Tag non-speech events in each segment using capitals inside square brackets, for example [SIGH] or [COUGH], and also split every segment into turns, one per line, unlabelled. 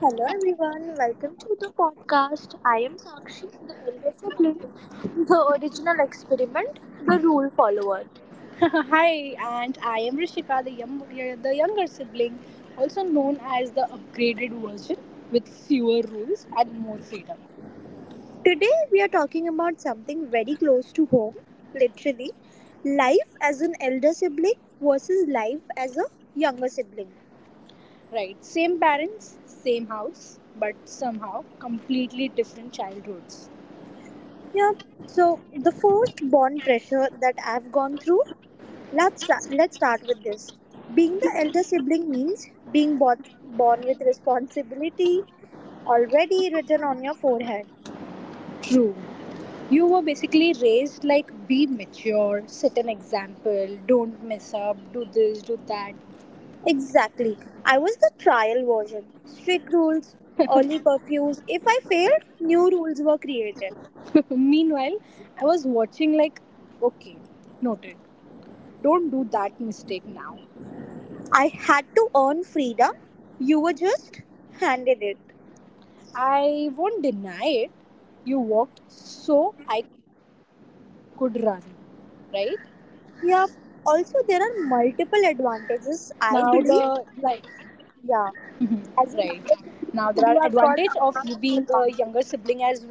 Hello everyone, welcome to the podcast. I am Sakshi, the elder sibling, the original experiment, the rule follower.
[LAUGHS] Hi, and I am Rishika, the younger sibling, also known as the upgraded version with fewer rules and more freedom.
Today we are talking about something very close to home, literally life as an elder sibling versus life as a younger sibling.
Right, same parents, same house, but somehow completely different childhoods.
Yeah. So the first bond pressure that I've gone through. Let's start with this. Being the elder sibling means being both born with responsibility already written on your forehead.
True. You were basically raised like be mature, set an example, don't mess up, do this, do that.
Exactly. I was the trial version. Strict rules, early curfews. If I failed, new rules were created.
[LAUGHS] Meanwhile, I was watching like, okay, noted, don't do that mistake now.
I had to earn freedom. You were just handed it.
I won't deny it. You walked so I could run, right?
Yeah. Also, there are multiple
Now
advantages,
the
I
like
believe. Yeah.
right.
As a
Now
younger
there are
sibling, you
advantage
have
of
got
you
a lot
being
of
a younger
advantage.
sibling as well.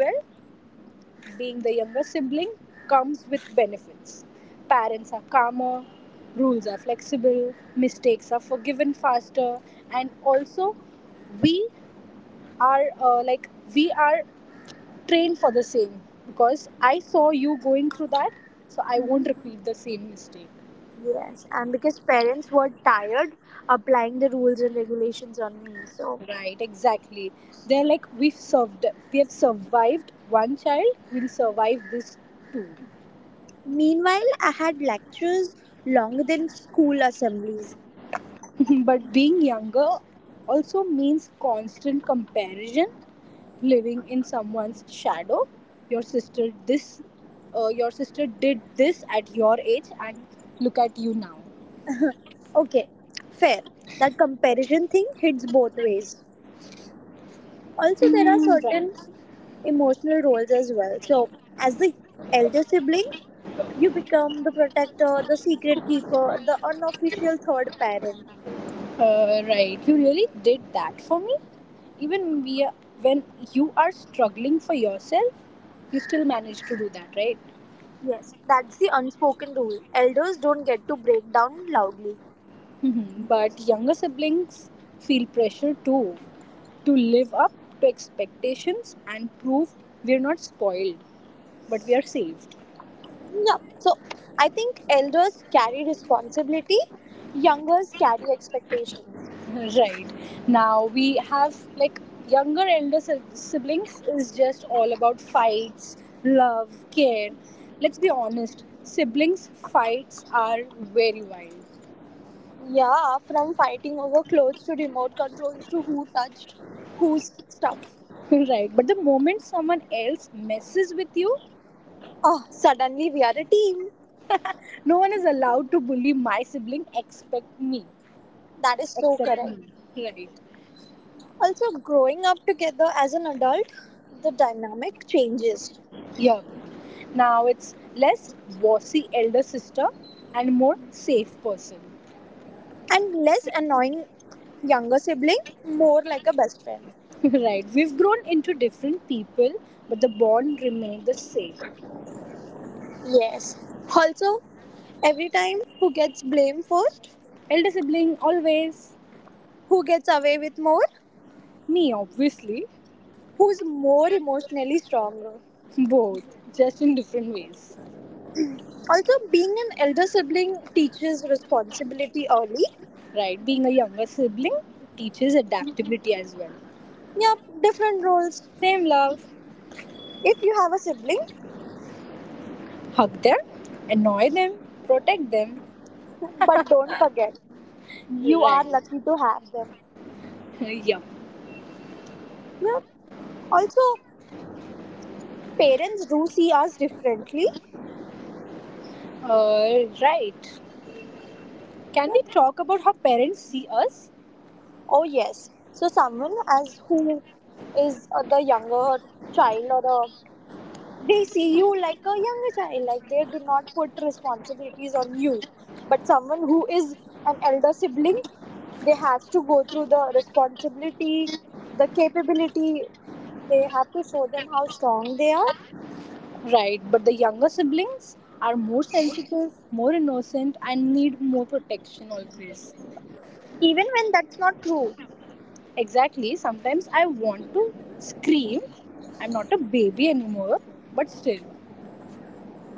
Being the younger sibling comes with benefits. Parents are calmer, rules are flexible, mistakes are forgiven faster, and also we we are train for the same because I saw you going through that, so I won't repeat the same mistake.
Yes, and because parents were tired applying the rules and regulations on me. So,
Right, exactly. They're like we've served, we have survived one child, we'll survive this too.
meanwhile, I had lectures longer than school assemblies.
[LAUGHS] But being younger also means constant comparison, living in someone's shadow. Your sister this, your sister did this at your age, and look at you now.
Okay, fair. That comparison thing hits both ways. Also, there are
Hmm, right.
certain emotional roles as well. So, as the elder sibling, you become the protector, the secret keeper, the unofficial third parent.
Right. You really did that for me? Even we, are- when you are struggling for yourself, you still manage to do that, right?
Yes, that's the unspoken rule. Elders don't get to break down loudly.
Mhm. But younger siblings feel pressure too to live up to expectations and prove we're not spoiled, but we are saved.
Yeah, so I think elders carry responsibility, youngers carry expectations.
Right. Now we have like younger elder siblings is just all about fights, love, care. Let's be honest, siblings fights are very wild.
Yeah, from fighting over clothes to remote controls to who touched whose stuff.
[LAUGHS] Right, but the moment someone else messes with you,
Oh, suddenly we are a team.
no one is allowed to bully my sibling except me.
That is so
Except
correct.
me. Right.
Also, growing up together as an adult, the dynamic changes.
Yeah. Now it's less bossy elder sister and more safe person.
And less annoying younger sibling, more like a best friend.
[LAUGHS] Right. We've grown into different people, but the bond remained the same.
Yes. Also, every time who gets blamed first,
Elder sibling, always.
who gets away with more,
Me, obviously.
who's more emotionally stronger.
[LAUGHS] Both, just in different ways.
Also, being an elder sibling teaches responsibility early.
Right. Being a younger sibling teaches adaptability as well.
Yeah, different roles.
Same love.
If you have a sibling,
Hug them, annoy them, protect them.
but don't forget, you
Right.
are lucky to have them.
[LAUGHS] Yeah.
Yeah. Also, parents do see us differently.
Right. Can
Yeah.
we talk about how parents see us?
Oh yes. So someone as who is the younger child, or they see you like a younger child, like they do not put responsibilities on you, but someone who is an elder sibling, they has to go through the responsibility, the capability, they have to show them how strong they are,
Right, but the younger siblings are more sensitive, more innocent, and need more protection always.
even when that's not true.
Exactly, sometimes I want to scream, I'm not a baby anymore, but still.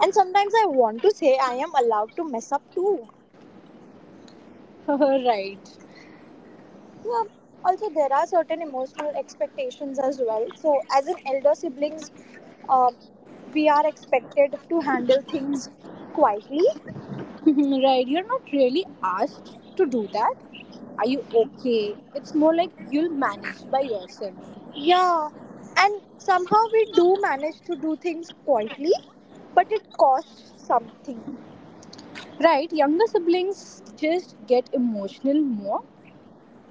And sometimes I want to say I am allowed to mess up too.
[LAUGHS] Right,
Yeah. Also, there are certain emotional expectations as well. So as an elder siblings, uh, we are expected to handle things quietly.
[LAUGHS] right, you're not really asked to do that. Are you okay? It's more like you'll manage by yourself.
Yeah, and somehow we do manage to do things quietly, but it costs something.
Right, younger siblings just get emotional more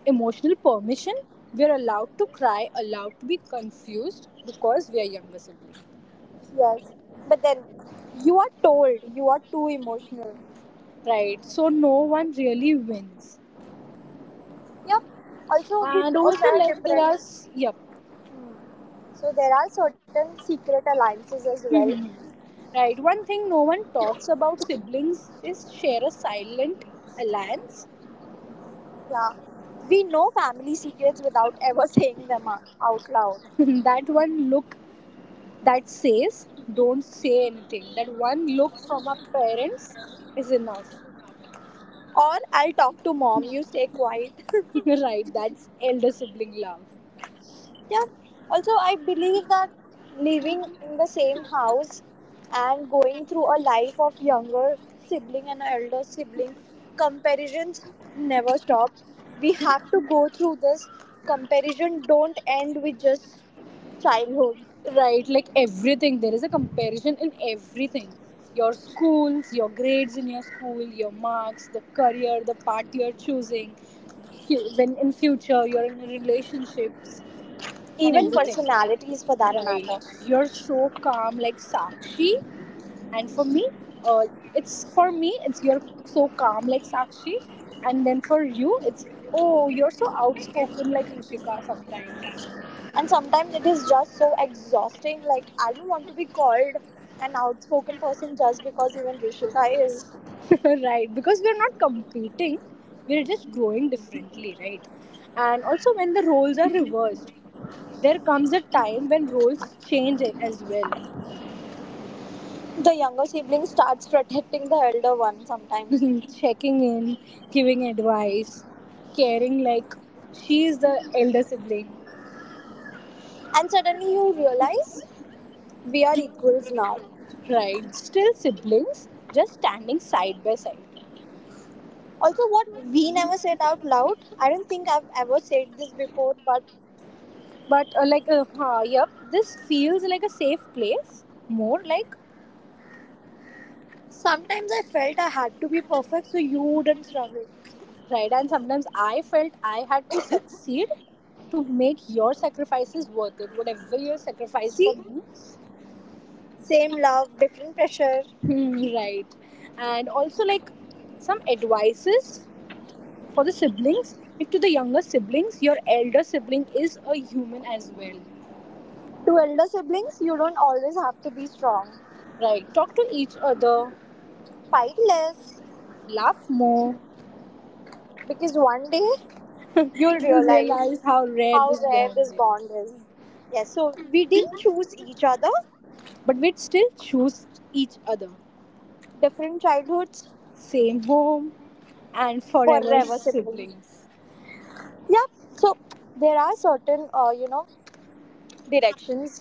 emotional permission. We are allowed to cry, allowed to be confused because we are younger sibling,
Yes, but then you are told you are too emotional.
right? So no one really wins.
Yep, also we
And
do
also,
share
like there are,
different,
s- yep,
so there are certain secret alliances as well.
right. One thing no one talks about siblings is share a silent alliance.
Yeah, we know family secrets without ever [LAUGHS] saying them out loud.
[LAUGHS] That one look that says don't say anything. That one look from our parents is enough,
Or I'll talk to mom, you stay quiet.
[LAUGHS] right? That's elder sibling love.
Yeah. Also, I believe that living in the same house and going through a life of younger sibling and elder sibling, comparisons never stop. We have to go through this. Comparison don't end with just childhood.
Right, like everything. There is a comparison in everything. Your schools, your grades in your school, your marks, the career, the path you're choosing, when in future you're in relationships and
Even
everything.
personalities for that matter.
Right. You're so calm like Sakshi. And for me, uh, it's for me, it's you're so calm like Sakshi. And then for you, it's oh, you're so outspoken like Rishika sometimes.
And sometimes it is just so exhausting. Like I don't want to be called an outspoken person just because even Rishika is.
[LAUGHS] Right, because we're not competing, we're just growing differently, right? And also when the roles are reversed, there comes a time when roles change as well.
The younger sibling starts protecting the elder one sometimes.
[LAUGHS] Checking in, giving advice, caring like she is the elder sibling.
And suddenly you realize we are equals now.
Right, still siblings, just standing side by side.
Also, what we never said out loud, I don't think I've ever said this before, but
Yep, this feels like a safe place more like
sometimes I felt I had to be perfect so you wouldn't struggle.
right, and sometimes I felt I had to succeed to make your sacrifices worth it, whatever you sacrificed for
See,
me.
same love, different pressure.
Hmm, right. And also like some advices for the siblings, like to the younger siblings, your elder sibling is a human as well.
To elder siblings, you don't always have to be strong.
Right, talk to each other,
Fight less,
laugh more,
because one day you'll
you'll
realize
realize how rare
how
this
rare
bond
this
is,
bond is. Yes, so we didn't choose each other,
but we'd still choose each other,
different childhoods,
same home and forever
forever siblings.
siblings.
Yeah, so there are certain directions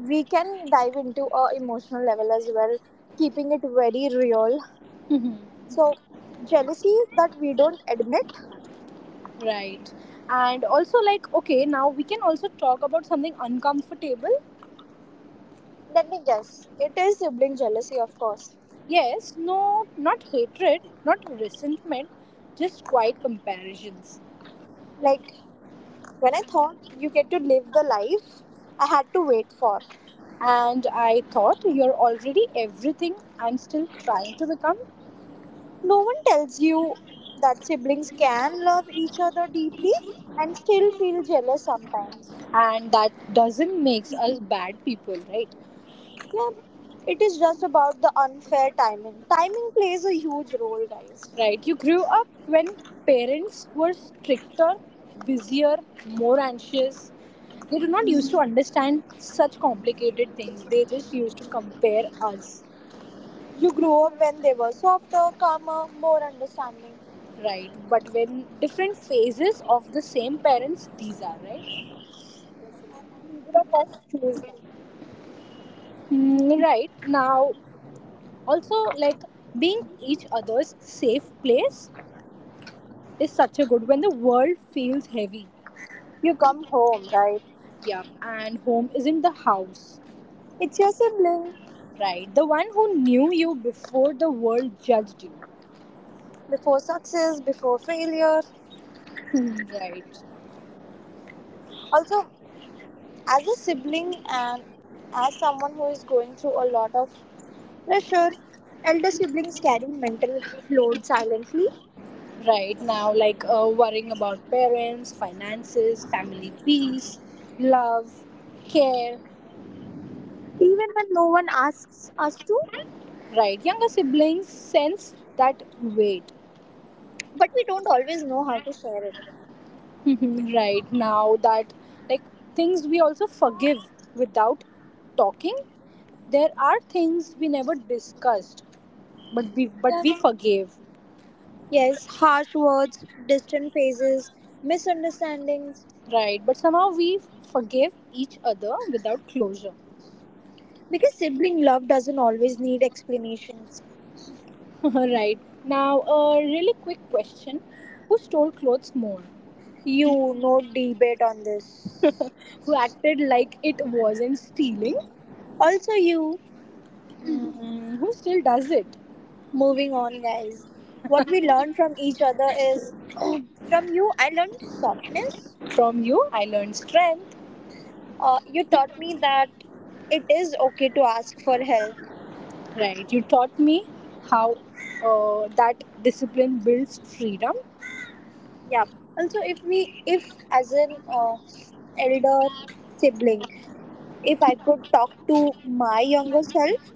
we can dive into, a emotional level as well, keeping it very real.
[LAUGHS]
So jealousy that we don't admit.
Right. And also, like, okay, now we can also talk about something uncomfortable.
Let me guess, it is sibling jealousy of course.
Yes, no, not hatred, not resentment, just quiet comparisons.
Like when I thought you get to live the life I had to wait for.
And I thought you're already everything I'm still trying to become.
No one tells you that siblings can love each other deeply and still feel jealous sometimes.
And that doesn't make us bad people, right?
Yeah, it is just about the unfair timing. Timing plays a huge role, guys.
Right. You grew up when parents were stricter, busier, more anxious. They do not used to understand such complicated things. They just used to compare us.
You grew up when they were softer, calmer, more understanding.
Right. But when different phases of the same parents, these are, right?
Yes, and neither of us choose them.
Mm, right. Now, also, like being each other's safe place is such a good when the world feels heavy.
You come home, right?
Yeah. And home isn't the house.
It's your sibling.
Right. The one who knew you before the world judged you. [LAUGHS]
Before success, before failure.
Hmm, right.
Also, as a sibling and as someone who is going through a lot of pressure, elder siblings carry mental load silently,
Right. Now, like worrying about parents, finances, family peace, love, care.
even when no one asks us to.
Right. Younger siblings sense that weight.
But we don't always know how to share it.
[LAUGHS] Mhm, right. Now, that like things we also forgive without talking. There are things we never discussed, but we but
Yeah.
we forgave.
Yes, harsh words, distant faces, misunderstandings.
Right. But somehow we forgive each other without closure.
Because sibling love doesn't always need explanations.
[LAUGHS] Right. Now, a really quick question. Who stole clothes more?
You, no debate on this.
Who acted like it wasn't stealing?
Also, you,
Mm, who still does it?
moving on, guys. What we learned from each other is, [CLEARS THROAT] from you, I learned softness.
From you, I learned strength.
You taught me that it is okay to ask for help.
Right. You taught me how that discipline builds freedom.
Yeah. Also, if we, if as an elder sibling, if I could talk to my younger self,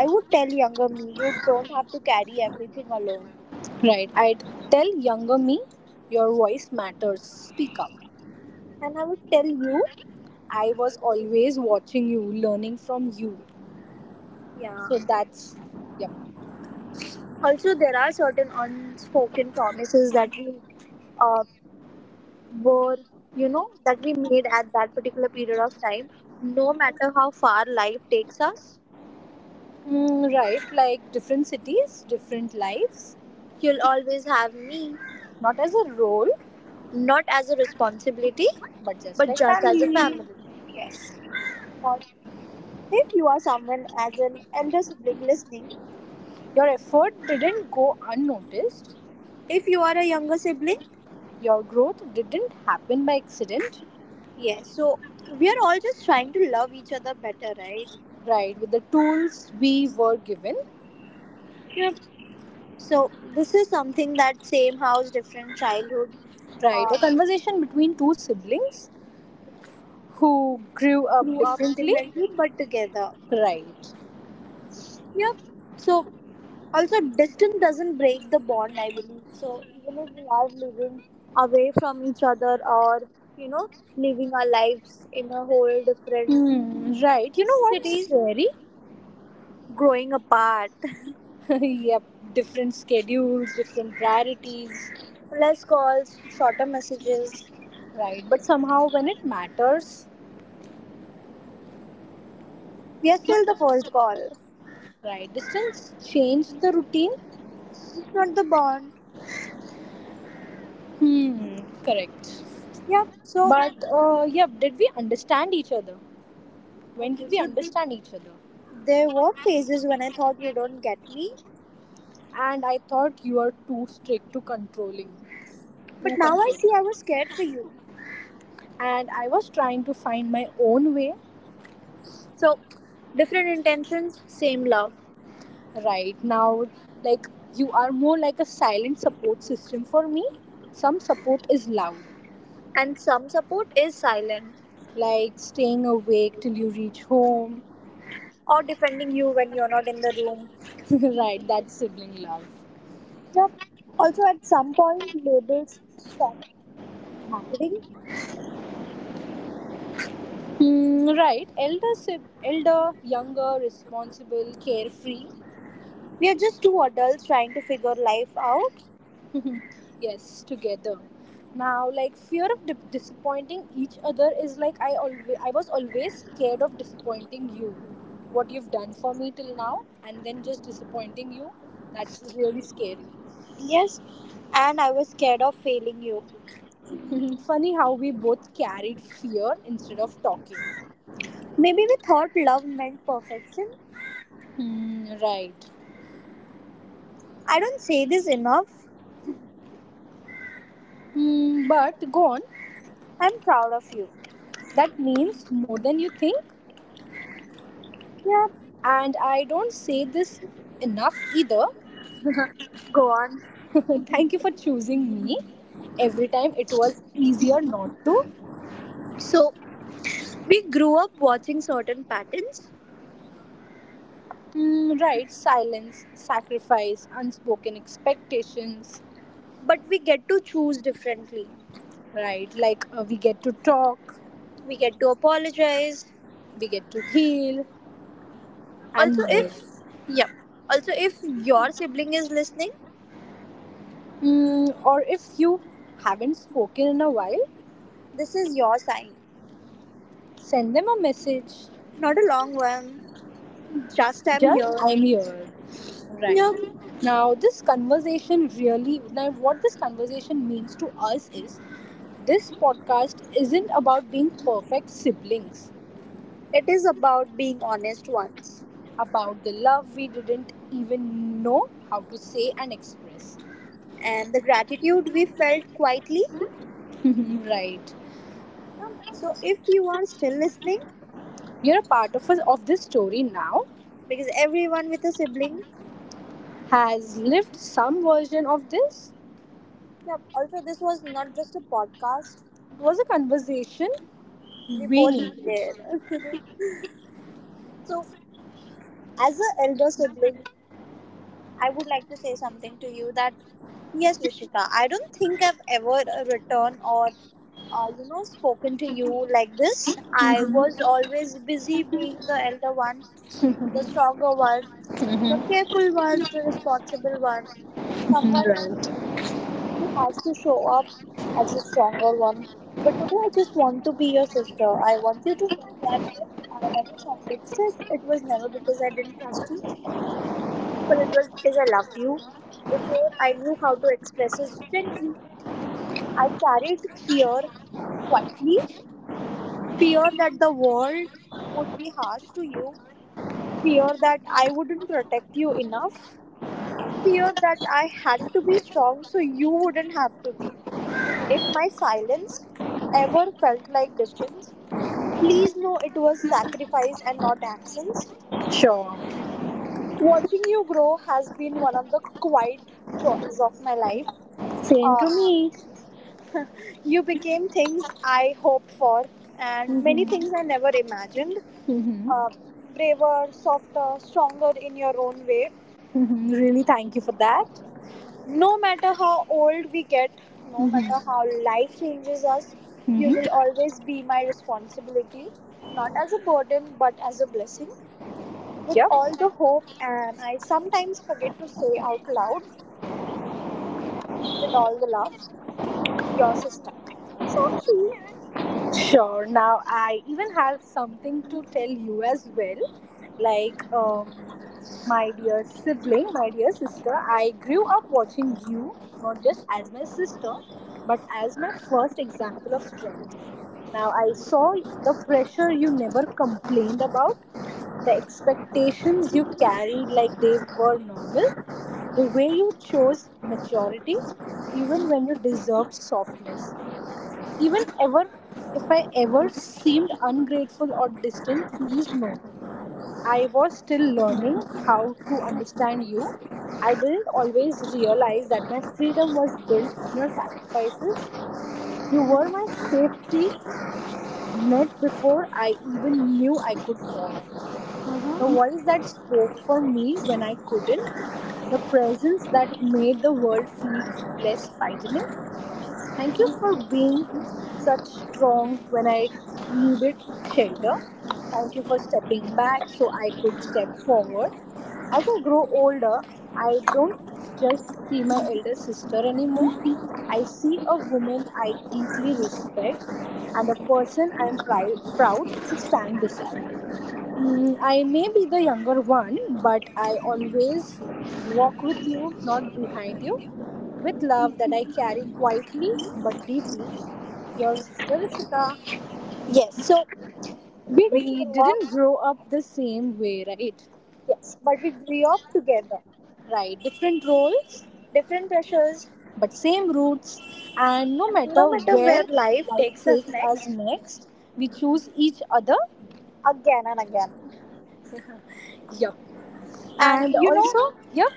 I would tell younger me, you don't have to carry everything alone.
Right. I'd tell younger me, your voice matters. Speak up.
And I would tell you,
I was always watching you, learning from you.
yeah.
So that's, yep.
Also, there are certain unspoken promises that we uh, were, you know, that we made at that particular period of time. No matter how far life takes us,
Mm, right. Like different cities, different lives,
you'll always have me,
not as a role,
not as a responsibility,
but just
but
like
just as a
family.
family. Yes. Or if you are someone as an elder sibling listening,
Your effort didn't go unnoticed.
if you are a younger sibling,
Your growth didn't happen by accident.
yes, so we are all just trying to love each other better, right?
Right, with the tools we were given.
Yep. So this is something that, same house, different childhood,
Right,
uh,
a conversation between two siblings who grew up
grew up
differently.
differently but together.
Right.
Yep. So also distance doesn't break the bond, I believe. So even if we are living away from each other, or you know living our lives in a whole different
Hmm, right. You know what's
cities,
scary?
growing apart.
[LAUGHS] Yep, different schedules, different priorities.
[LAUGHS] Less calls, shorter messages.
Right, but somehow when it matters,
We are still the first call,
right, distance changed the routine.
not the bond.
Hmm, correct.
Yeah, so,
But yeah, did we understand each other? When
okay,
did we
so
understand each other?
there were phases when I thought you don't get me,
And I thought you were too strict, too controlling,
but
too
now I see I
controlling.
was scared for you.
And I was trying to find my own way.
So, different intentions, same love.
Right now, like you are more like a silent support system for me. Some support is loud,
And some support is silent,
like staying awake till you reach home.
or defending you when you're not in the room.
[LAUGHS] Right, that's sibling love.
Yep. Also, at some point, labels stop mattering.
Mm, right. Elder, younger, responsible, carefree.
We are just two adults trying to figure life out.
Yes, together. Now, like fear of disappointing each other is like I was always scared of disappointing you. What you've done for me till now, and then just disappointing you, that's really scary.
Yes, and I was scared of failing you.
[LAUGHS] Funny how we both carried fear instead of talking.
Maybe we thought love meant perfection.
Hmm, right.
I don't say this enough.
Hmm, but go on.
I'm proud of you.
That means more than you think.
Yeah,
And I don't say this enough either.
go on.
[LAUGHS] Thank you for choosing me. Every time it was easier not to.
So, we grew up watching certain patterns,
Mm, right, silence, sacrifice, unspoken expectations.
but we get to choose differently.
Right, like we get to talk,
We get to apologize.
we get to heal, and
Also,
more.
yeah, if your sibling is listening,
Mm, or if you haven't spoken in a while,
this is your sign.
send them a message.
Not a long one, just I'm
Just
here.
I'm here.
Yeah,
Right. Now this conversation really now what this conversation means to us is this podcast isn't about being perfect siblings.
it is about being honest once.
About the love we didn't even know how to say and express.
And the gratitude we felt quietly.
[LAUGHS] Right.
Yeah. So, if you are still listening,
You're a part of us of this story now.
because everyone with a sibling.
Has lived some version of this.
Yeah, also this was not just a podcast.
It was a conversation
We
we
both
needed.
were. [LAUGHS] So as an elder sibling, I would like to say something to you that, yes, Vishika, I don't think I've ever written or spoken to you like this. I was always busy being the elder one, the stronger one, the careful one, the responsible one, someone who has to show up as a stronger one. But today I just want to be your sister. I want you to know that if I ever sounded strict, it was never because I didn't trust you, but it was because I loved you. Before I knew how to express it gently, I carried fear quietly. Fear that the world would be harsh to you. Fear that I wouldn't protect you enough. Fear that I had to be strong so you wouldn't have to be. If my silence ever felt like distance, please know it was sacrifice and not absence.
Sure.
Watching you grow has been one of the quiet joys of my life.
Same to
Uh,
me.
you became things I hoped for and many
Hmm.
things I never imagined.
Hmm.
Uh, Braver, softer, stronger in your own way.
Hmm. Really, thank you for that.
No matter how old we get, no matter
Hmm.
how life changes us, you will
Hmm.
always be my responsibility, not as a burden but as a blessing. With all
Yep.
the hope, and I sometimes forget to say out loud, with all the love, your sister. So she.
Sure. Now, I even have something to tell you as well. Like, um, my dear sibling, my dear sister, I grew up watching you not just as my sister, but as my first example of strength. Now, I saw the pressure you never complained about, the expectations you carried like they were normal, the way you chose maturity, even when you deserved softness. Even ever, if I ever seemed ungrateful or distant, please know, I was still learning how to understand you. I didn't always realize that my freedom was built on your sacrifices. You were my safety net before I even knew I could fall. The voice that spoke for me when I couldn't. The presence that made the world feel less frightening. Thank you for being such strong when I needed shelter. Thank you for stepping back so I could step forward. As I grow older, I don't just see my elder sister anymore. I see a woman I deeply respect and a person I am proud to stand beside. Mm, I may be the younger one, but I always walk with you, not behind you, with love that I carry quietly but deeply. Your sister Rishika.
Yes, so we didn't
We
grow up,
didn't grow up the same way, right?
yes, but we grew up together.
Right, different roles,
Different pressures,
but same roots. And no
and no
matter
matter
where
where life
life
takes us
takes us
next,
next, we choose each other.
again and again.
[LAUGHS] Yup.
And
And
you know,
also, yup,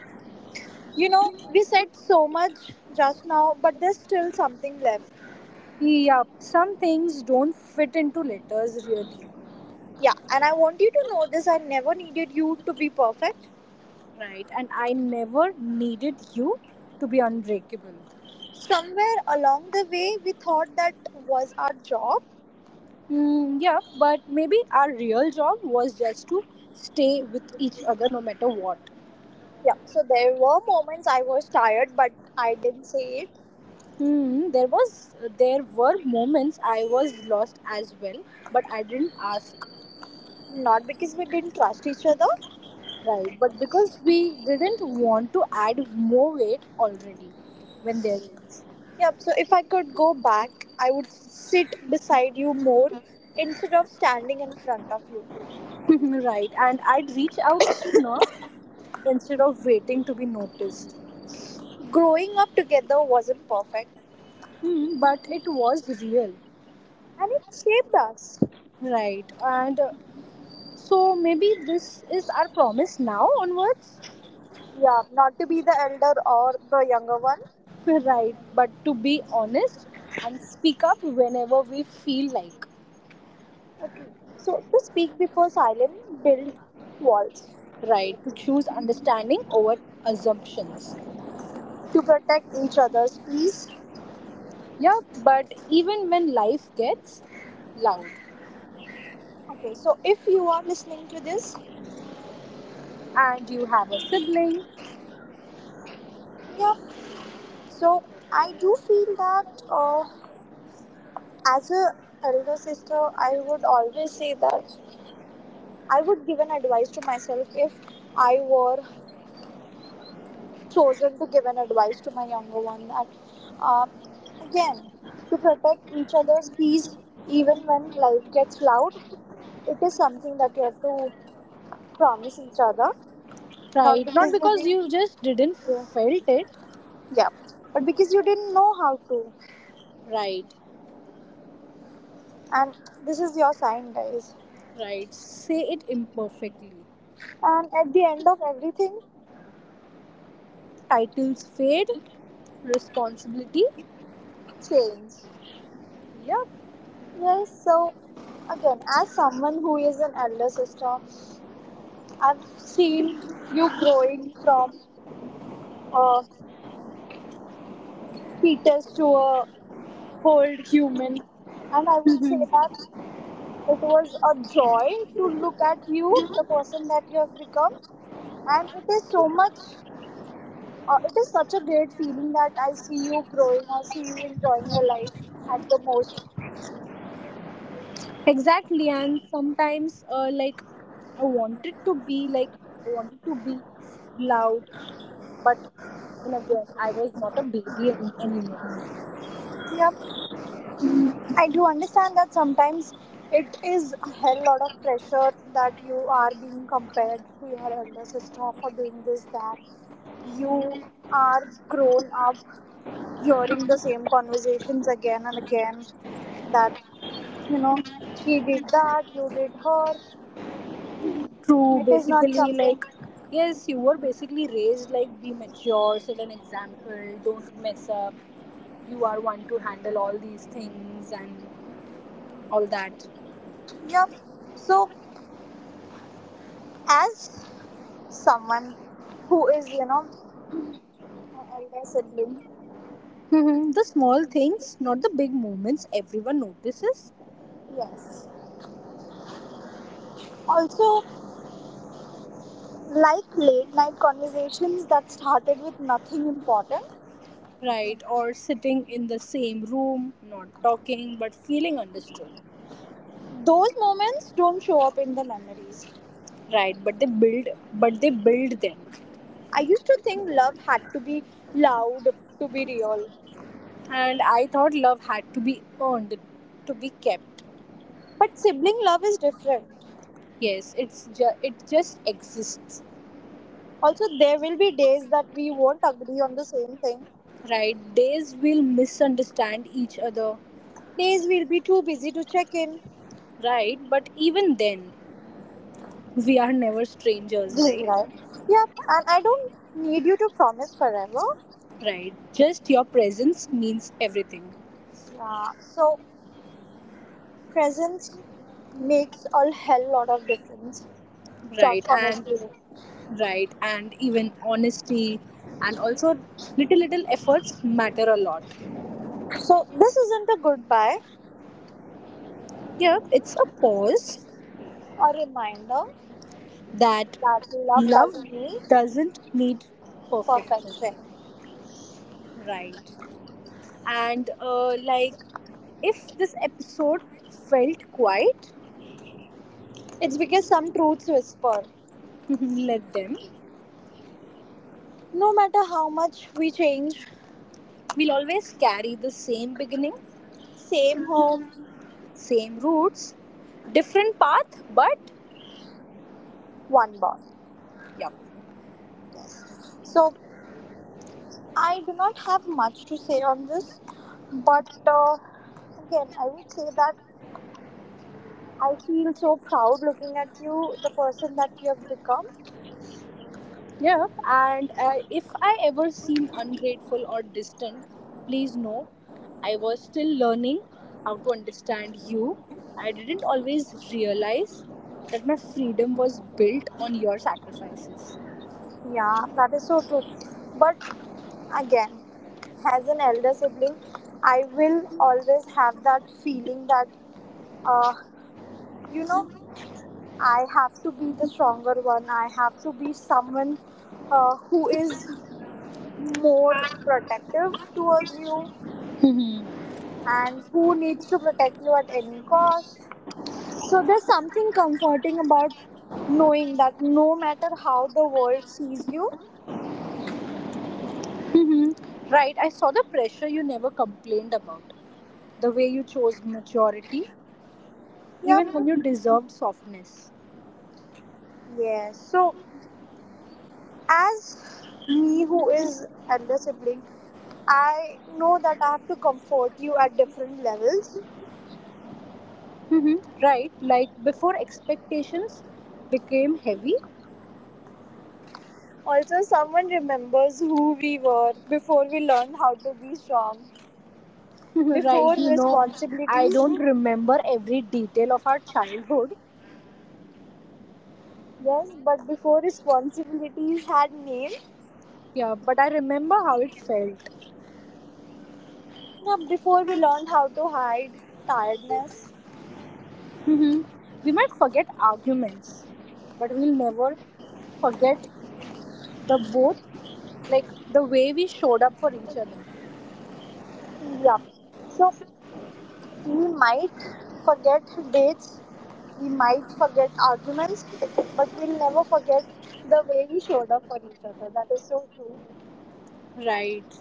You know, we said so much just now, but there's still something left.
yup, some things don't fit into letters really.
Yeah, and I want you to know this, I never needed you to be perfect.
Right, and I never needed you to be unbreakable.
Somewhere along the way, we thought that was our job.
Mm, yeah, but maybe our real job was just to stay with each other no matter what.
Yeah, so there were moments I was tired, but I didn't say it.
Hmm, there were moments I was lost as well, but I didn't ask.
Not because we didn't trust each other.
Right, but because we didn't want to add more weight already when there is.
Yep, so if I could go back, I would sit beside you more instead of standing in front of you.
[LAUGHS] Right, and I'd reach out sooner instead of waiting to be noticed.
Growing up together wasn't perfect,
Hmm, but it was real.
and it shaped us.
Right. And so maybe this is our promise now onwards. [LAUGHS]
Yeah, not to be the elder or the younger one.
Right. But to be honest and speak up whenever we feel like.
Okay. So to speak before silence, build walls
Right. To choose understanding over assumptions.
to protect each other's peace.
Yeah. But even when life gets loud
Okay. So if you are listening to this,
and you have a sibling.
yeah. So I do feel that as a elder sister, I would always say that I would give an advice to myself if I were chosen to give an advice to my younger one that uh, again, to protect each other's peace even when life gets loud. It is something that you have to promise each other, not
Right. Not
because you
because
did,
you just didn't
yeah,
felt it.
yeah, but because you didn't know how to.
Right.
And this is your sign, guys.
Right. Say it imperfectly.
And at the end of everything,
Titles fade. Responsibility.
change.
Yeah.
Yes, so again, as someone who is an elder sister, I've seen you growing from a fetus to a whole human, and I would say
[LAUGHS]
that it was a joy to look at you, the person that you have become, and it is so much it is such a great feeling that I see you growing, I see you enjoying your life at the most.
Exactly, and sometimes, I wanted to be like I wanted to be loud, but then again, I was not a baby anymore.
Yeah, I do understand that sometimes it is a hell lot of pressure that you are being compared to your elder sister for doing this, that you are grown up hearing the same conversations again and again, that you know she did that, you did her,
True,
it is not
basically,
something.
like, yes, you were basically raised like be mature, set an example, don't mess up. You are one to handle all these things and all that.
Yep, so as someone who is, a elder sibling.
Mhm. The small things, not the big moments everyone notices.
Yes. Also, like late night conversations that started with nothing important,
Right? Or sitting in the same room, not talking, but feeling understood,
those moments don't show up in the memories.
right? But they build them.
I used to think love had to be loud to be real,
And I thought love had to be earned, to be kept.
but sibling love is different.
Yes, it's it just exists,
Also, there will be days that we won't agree on the same thing.
right? Days will misunderstand each other,
Days we'll be too busy to check in.
right? But even then, we are never strangers, right?
Right. Yep, and I don't need you to promise forever.
Right. Just your presence means everything,
Yeah, so presence makes a hell lot of difference, just
right? And
honestly.
right and even honesty and also little little efforts matter a lot.
So this isn't a goodbye,
Yep, it's a pause
a reminder
that
that love
love
doesn't need
doesn't need perfection.
perfection.
Right. And like if this episode felt quiet.
It's because some truths whisper.
[LAUGHS] Let them.
No matter how much we change,
We'll always carry the same beginning,
same home,
same roots, different path but
one bond.
yep.
So I do not have much to say on this, but again, I would say that I feel so proud looking at you, the person that you have become.
Yeah, and if I ever seem ungrateful or distant, please know I was still learning how to understand you. I didn't always realize that my freedom was built on your sacrifices.
Yeah, that is so true. But again, as an elder sibling, I will always have that feeling that, uh, you know, I have to be the stronger one. I have to be someone who is more protective towards you and who needs to protect you at any cost. So there's something comforting about knowing that no matter how the world sees you,
Hmm. Right, I saw the pressure you never complained about, the way you chose maturity,
yep,
even when you deserved softness.
yes. So as me who is elder sibling, I know that I have to comfort you at different levels.
Hmm. Right, like before expectations became heavy.
Also, someone remembers who we were before we learned how to be strong,
[LAUGHS] Right,
before
you know, I
responsibilities.
don't remember every detail of our childhood.
Yes, but before responsibilities had name,
Yeah, but I remember how it felt.
yeah, before we learned how to hide tiredness.
Mhm. We might forget arguments but we'll never forget the both like the way we showed up for each other.
Yeah, so we might forget dates, we might forget arguments, but we'll never forget the way we showed up for each other. That is so true.
Right,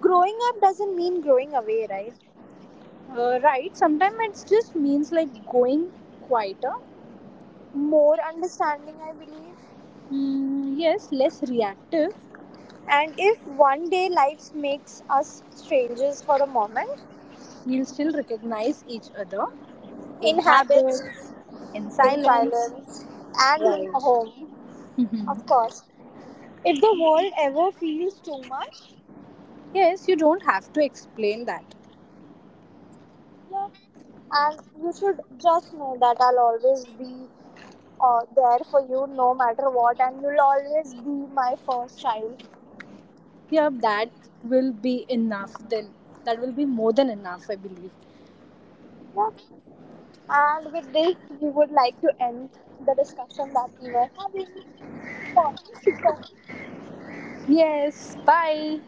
Growing up doesn't mean growing away, right?
right, sometimes it just means like going quieter.
More understanding, I believe.
Mm, yes, less reactive.
And if one day life makes us strangers for a moment,
We'll still recognize each other, in
in habits,
habits, in
in
silence,
silence, and in
right.
home, of course. If the world ever feels too much,
Yes, you don't have to explain that.
yeah, and you should just know that I'll always be there for you no matter what, and you'll always be my first child.
Yeah, that will be enough then. That will be more than enough, I believe.
Yeah. And with this, we would like to end the discussion that we were having. Sorry,
Yes, bye.